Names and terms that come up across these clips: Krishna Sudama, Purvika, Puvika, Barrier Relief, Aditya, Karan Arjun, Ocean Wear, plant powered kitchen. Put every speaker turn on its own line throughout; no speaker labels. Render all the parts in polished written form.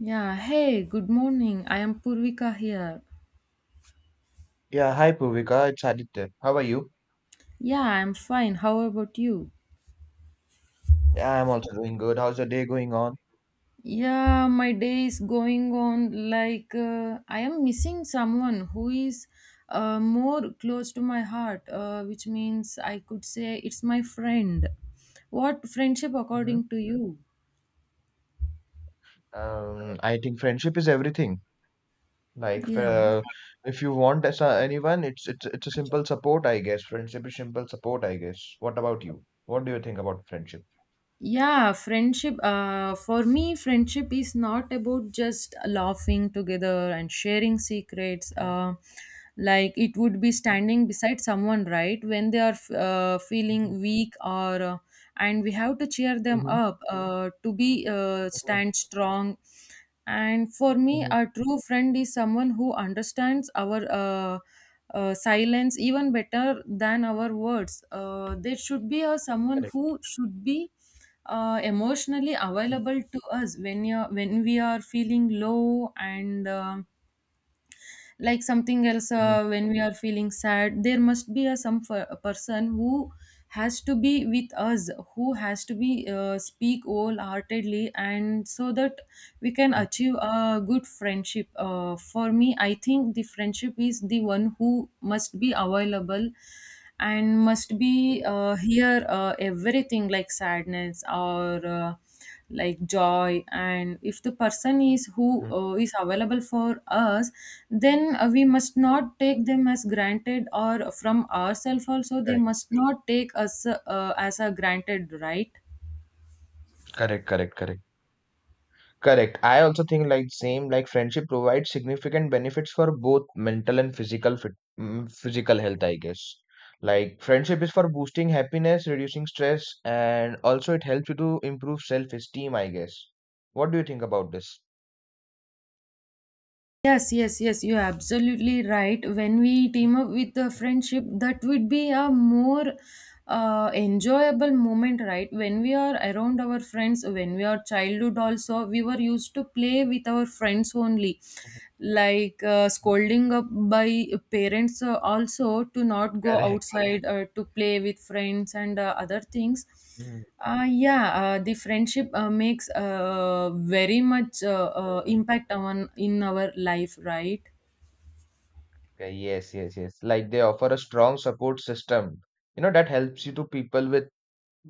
Yeah, hey, good morning. I am Purvika here.
Yeah, hi Puvika, it's Aditya. How are you?
Yeah, I'm fine. How about you?
Yeah, I'm also doing good. How's your day going on?
Yeah, my day is going on like I am missing someone who is more close to my heart, which means I could say it's my friend. What friendship
Hmm.
according to you?
I think friendship is everything. Like, f-
Yeah.
uh, if you want anyone, it's a simple support, I guess. Friendship is simple support, I guess. What about you? What do you think about friendship?
Yeah, friendship for me friendship is not about just laughing together and sharing secrets
Hmm.
like it would be standing beside someone right when they are feeling weak or and we have to cheer them
Hmm.
up to be stand strong. And for me a
Hmm.
true friend is someone who understands our silence even better than our words. There should be a someone
Correct.
who should be emotionally
Mhm.
available to us when we are feeling low and like something else.
Mhm.
When we are feeling sad there must be a a person who has to be with us, who has to be speak wholeheartedly and so that we can achieve a good friendship. For me I think the friendship is the one who must be available and must be here everything like sadness or like joy, and if the person is who is available for us then we must not take them as granted, or from ourselves also they
Correct.
must not take us as a granted, right?
Correct. Correct. Correct. Correct. I also think like same like friendship provides significant benefits for both mental and physical health, I guess. Like friendship is for boosting happiness, reducing stress, and also it helps you to improve self-esteem, I guess. What do you think about this?
Yes, yes, yes, you're absolutely right. When we team up with the friendship that would be a more enjoyable moment, right? When we are around our friends, when we are childhood also we were used to play with our friends only,
Mhm.
like scolding up by parents also to not go
Correct.
outside to play with friends and other things.
Mhm,
Yeah, the friendship makes very much
mhm.
impact on in our life, right?
Okay. Yes, yes, yes. Like they offer a strong support system. That helps you to people with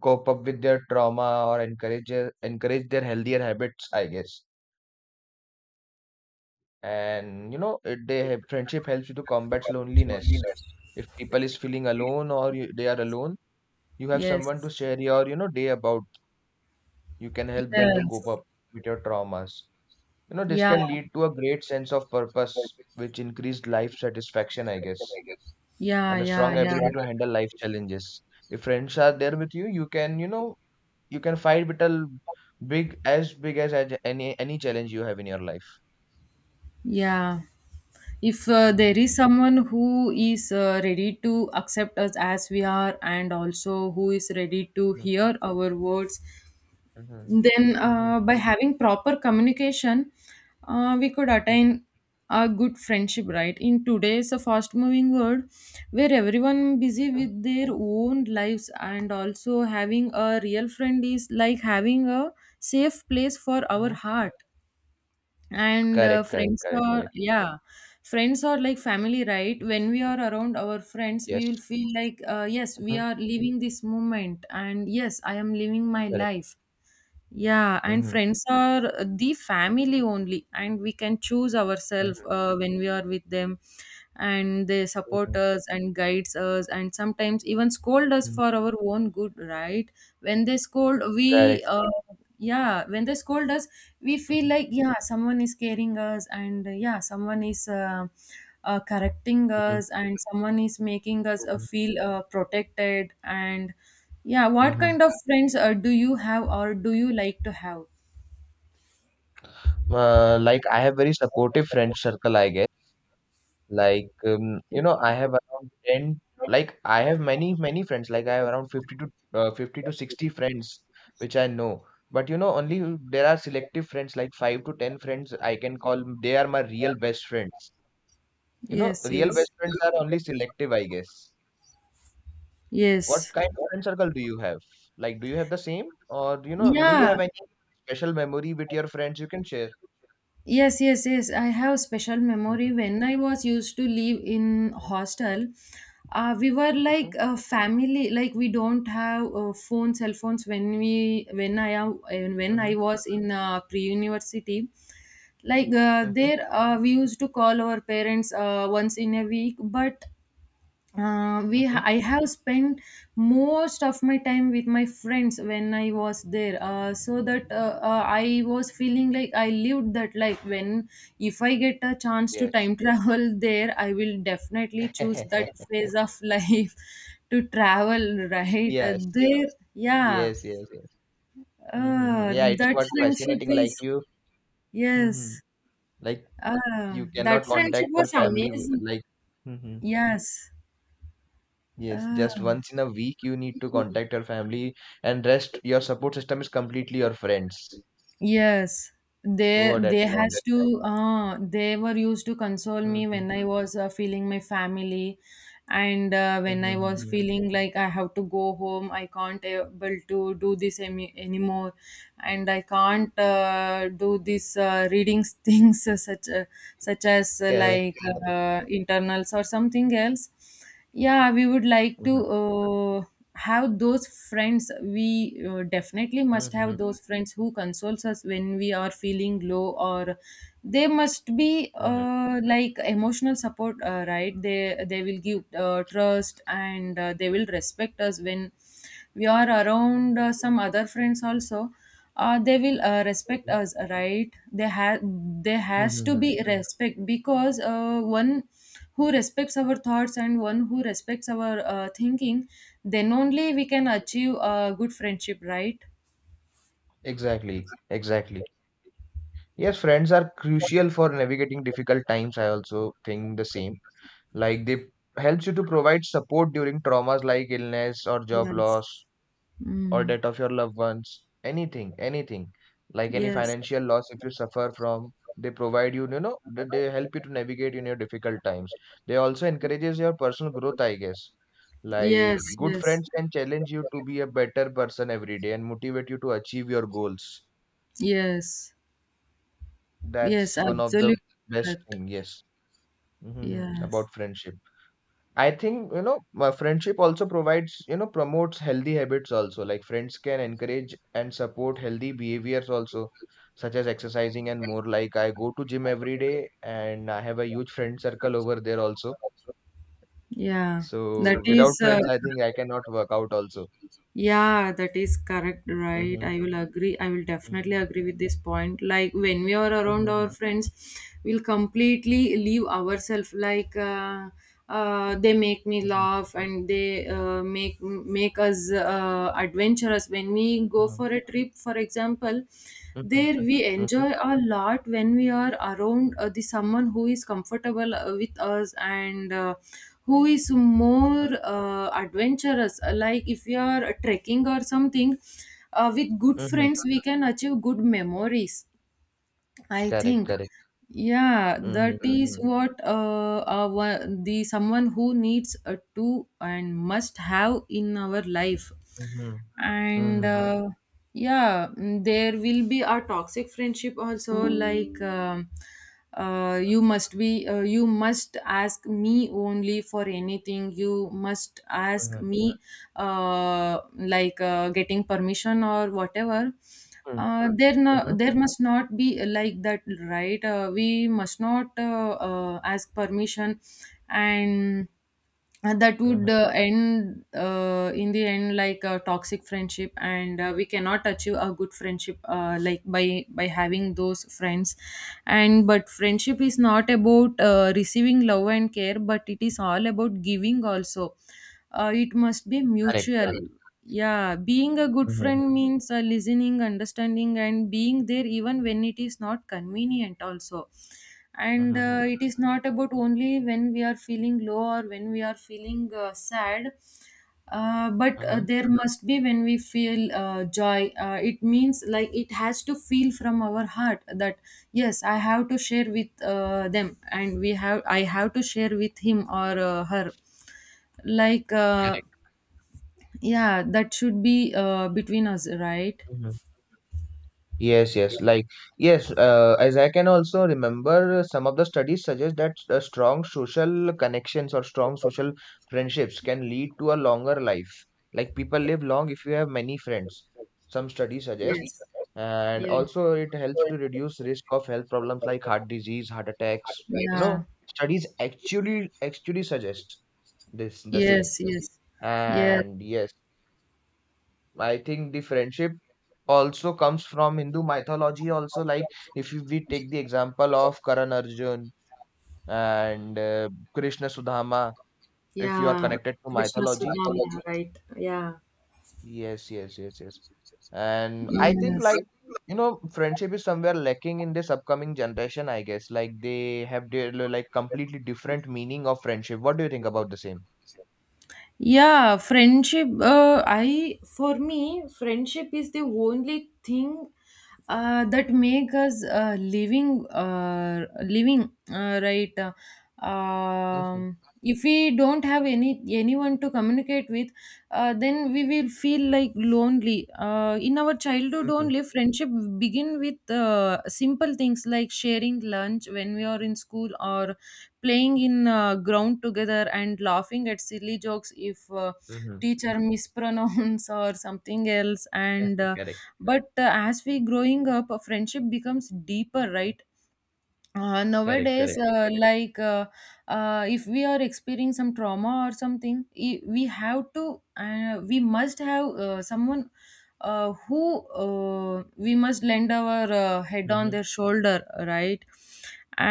cope up with their trauma or encourage their healthier habits, I guess. And you know it, they have friendship helps you to combat loneliness if people is feeling alone or you, they are alone. You have someone to
Yes,
share your, day about. You can help them to
yes.
cope up with your traumas. You know this
Yeah,
can lead to a great sense of purpose which increased life satisfaction, I guess.
yeah,
And a
yeah.
strong
Yeah,
ability to handle life challenges. If friends are there with you, you can, you can fight with a big, as big as any challenge you have in your life.
yeah. If there
Mm-hmm.
is someone who is ready to accept us as we are and also who is ready to hear our words.
Mm-hmm.
Then,
Mm-hmm.
by having proper communication, we could
Mm-hmm.
attain a good friendship, right? In today's fast-moving world, where everyone busy with their own lives, and also having a real friend is like having a safe place for our
Mhm.
heart. And
Correct, correct,
friends
correct,
are,
correct.
yeah, friends are like family, right?
Mhm.
When we are around our friends,
Yes.
we will feel like, yes, we
Mhm.
are living this moment, and yes, I am living my
Correct.
life. Yeah, and
Mhm.
friends are the family only, and we can choose ourselves
Mhm.
when we are with them, and they support
Mhm.
us and guides us, and sometimes even scold us
Mhm.
for our own good, right? When they scold, we
Correct.
yeah, when they scold us, we feel
Mhm.
like yeah, someone is caring us, and yeah, someone is correcting
Mhm.
us, and someone is making us
Mhm.
feel protected and. Yeah, what
Mhm.
kind of friends do you have or do you like to have?
Like I have very supportive friend circle, I guess. Like you know, I have around 10, like I have many, many friends. Like I have around 50 to 60 friends which I know. But you know, only there are selective friends, like 5 to 10 friends I can call. They are my real best friends. You know,
Yes, you know,
real
yes,
best friends are only selective, I guess. What
yes.
kind of friend circle do you have? Like, do you have the same, or you know, do you
Yeah,
have any special memory with your friends you can share?
yes, yes, yes. I have special
Mhm,
memory when I was used to live in
mhm,
hostel. We were like a family. Like we don't have phone, cell phones when I am
mhm,
when I
mhm,
was in pre-university. Like
mhm.
there, we used to call our parents once in a week, but
Mhm.
I have spent most of my time with my friends when I was there, so that I was feeling like I lived that life. When if I get a chance to
Yes.
time travel there, I will definitely choose that phase of life to travel. Right,
Yes.
there, yeah,
Yes. Yes. Yes. Hmm.
uh,
Yeah, it's
that
quite
friendship
fascinating. Like
is
you, hmm,
yes,
like you
that
cannot
friendship
contact your
was
family.
amazing.
Like, hmm,
Yes.
yes,
Uh,
just once in a week you need to contact your family, and rest your support system is completely your friends
yes, they
over that
they has
time.
to they were used to console me
Hmm.
when I was feeling my family, and when I was feeling like I have to go home, I can't able to do this anymore, and I can't do this reading things such as
Correct,
like
correct.
internals or something else. Yeah, we would like to
Mhm,
have those friends. We definitely must have
mhm,
those friends who consoles us when we are feeling low, or they must be
mhm,
like emotional support, right? They will give trust and they will respect us when we are around some other friends also. They will respect
mhm,
us, right? they have There has to be
mhm.
respect because one who respects our thoughts and one who respects our thinking, then only we can achieve a good friendship, right?
Exactly, exactly. Yes, friends are crucial for navigating difficult times. I also think the same. Like they helps you to provide support during traumas like illness or job
Yes.
loss or
Mm.
death of your loved ones. Anything, anything, like any
Yes.
financial loss if you suffer from. They provide you, you know they help you to navigate in your difficult times. They also encourages your personal growth, I guess.
Yes.
Like good
Yes.
friends can challenge you to be a better person every day and motivate you to achieve your goals.
Yes. Yes.
That's one of the
Absolutely
best
correct.
thing. Yes. Hmm.
Yes.
About friendship, I think, you know, my friendship also provides, you know, promotes healthy habits also. Like friends can encourage and support healthy behaviors also, such as exercising and more. Like I go to gym every day and I have a huge friend circle over there also.
Yeah. That
So without
is.
friends, I think I cannot work out also.
Yeah, that is correct, right?
Mm-hmm.
I will agree. I will definitely
Mm-hmm.
agree with this point. Like when we are around our
Mm-hmm.
friends, we'll completely leave ourselves. Like they make me
Mm-hmm.
laugh and they make us adventurous. When we go for a trip, for example,
Mm-hmm.
there we
Mm-hmm.
enjoy a lot when we are around the someone who is comfortable with us and. Who is more adventurous, like if you are trekking or something with good
Mm-hmm.
friends we can achieve good memories, I
Correct,
think,
correct.
yeah.
Mm-hmm.
That is
Mm-hmm.
what our the someone who needs a to and must have in our life,
Mm-hmm.
and
Mm-hmm.
yeah, mm, there will be a toxic friendship also. Like, you must be, you must ask me only for anything. You must ask
Mm-hmm.
me like getting permission or whatever.
Mm-hmm.
There no,
Mm-hmm.
there must not be like that, right? We must not ask permission, and and that would
Mm-hmm.
end in the end like a toxic friendship, and we cannot achieve a good friendship like by having those friends. And but friendship is not about receiving love and care, but it is all about giving also. It must be
Correct,
mutual.
correct.
Yeah, being a good
Mm-hmm.
friend means listening, understanding, and being there even when it is not convenient also, and
Mm-hmm.
it is not about only when we are feeling low or when we are feeling sad, but
Mm-hmm.
there must be when we feel joy. It means like it has to feel from our heart that yes, I have to share with them, and we have I have to share with him or her, like
Correct.
yeah, that should be between us, right?
Mm-hmm. Yes, yes. Yes, as I can also remember, some of the studies suggest that strong social connections or strong social friendships can lead to a longer life. Like, people live long if you have many friends, some studies suggest.
Yes.
And
Yeah.
also, it helps to reduce risk of health problems like heart disease, heart attacks. You
Yeah.
know, studies actually suggest this the same.
Yes, yes, yes.
And yes. I think the friendship also comes from Hindu mythology. Also, like if you- we take the example of Karan Arjun and Krishna Sudama, if you are
Yeah. Yes.
connected to
Krishna
mythology,
Sudama, right? Yeah.
yes, yes, yes, yes. And
Yeah.
I think
Yes.
like you know, friendship is somewhere lacking in this upcoming generation, I guess. Like they have their, like completely different meaning of friendship. What do you think about the same?
Yeah, friendship. I for me, friendship is the only thing that make us living. Living, right?
Mm-hmm.
If we don't have anyone to communicate with, then we will feel like lonely. In our childhood,
Mm-hmm.
only friendship begin with simple things like sharing lunch when we are in school, or playing in ground together and laughing at silly jokes if
Mm-hmm.
teacher mispronounce or something else,
Yes,
and uh,
correct,
but uh, as we growing up a friendship becomes deeper, right?
correct,
Nowadays,
correct.
if we are experiencing some trauma or something, we have to we must have someone who we must lend our head on
Mm-hmm.
their shoulder, right?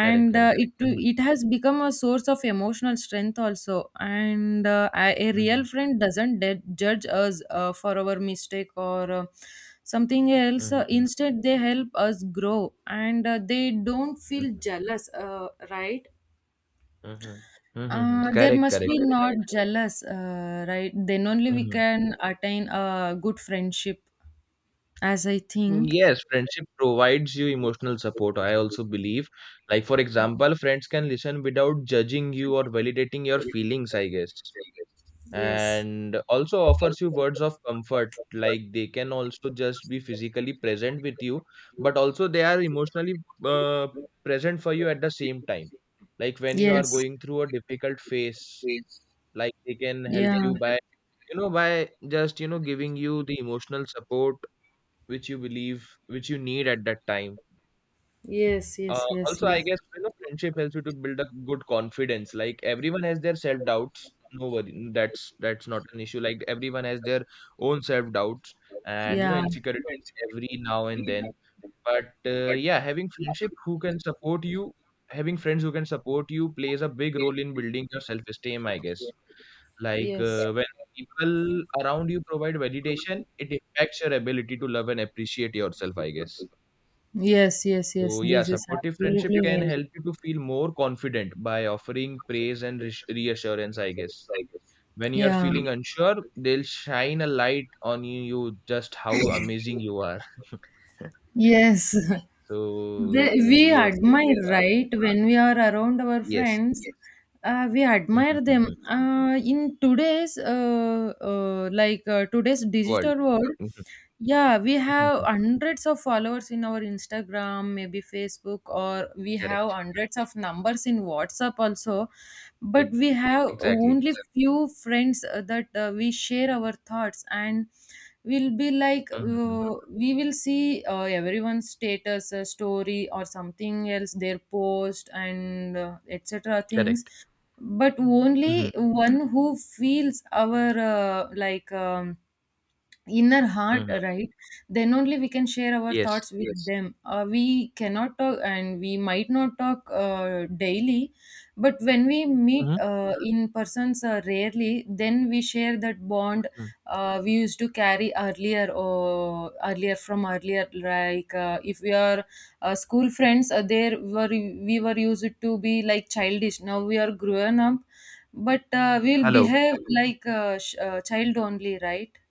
Correct, correct.
it
Mm-hmm.
it has become a source of emotional strength also, and a real
Mm-hmm.
friend doesn't judge us for our mistake or something else.
Mm-hmm.
Instead they help us grow, and they don't feel jealous, right?
Mhm. Mhm.
There
Correct,
must
correct,
be
correct.
not jealous, right? Then only we
Mhm.
can attain a good friendship, as I think.
Yes, friendship provides you emotional support. I also believe. Like, for example, friends can listen without judging you or validating your feelings, I guess.
Yes.
And also offers you words of comfort. Like, they can also just be physically present with you, but also they are emotionally uh, present for you at the same time. Like, when you are
Yes.
going through a difficult phase, like they can help
Yeah.
you by, you know, by just, you know, giving you the emotional support which you believe which you need at that time.
Yes, yes, yes,
Also, I
yes.
guess, you know, friendship helps you to build a good confidence. Like everyone has their self doubts, no worry, that's not an issue. Like everyone has their own self doubts and, you know,
Yeah.
insecurities every now and then. But yeah, having friendship who can support you, having friends who can support you plays a big role in building your self esteem, I guess. Like,
Yes.
when people around you provide validation, it impacts your ability to love and appreciate yourself, I guess.
Yes, yes, yes.
So, yeah,
This is
supportive friendship
absolutely
can
right.
help you to feel more confident by offering praise and reassurance, I guess. When you are
Yeah.
feeling unsure, they'll shine a light on you just how amazing you are.
Yes.
So,
They, we
yes, yes, yes.
admire, right? When we are around our
Yes.
friends, we
Mm-hmm.
admire them.
Mm-hmm.
In today's
World.
digital world,
Mhm,
yeah, we
mhm,
have
mhm.
hundreds of followers in our Instagram, maybe Facebook, or we have
Correct.
hundreds of numbers in WhatsApp also. But
Ex-
we have
Exactly.
only few friends that we share our thoughts and will be like
Mm-hmm. Mm-hmm.
we will see everyone's status story or something else, their post and etc things,
Correct.
but
Mm-hmm.
only one who feels our like inner heart,
Mm-hmm.
right? Then only we can share our
Yes.
thoughts with, yes, them. We cannot talk and we might not talk daily, but when we meet,
Mhm,
mhm, in persons rarely, then we share that bond
mhm.
we used to carry earlier, or earlier, like if we are school friends, there were we were used to be like childish, now we are grown up but we'll
Hello.
behave like child only, right?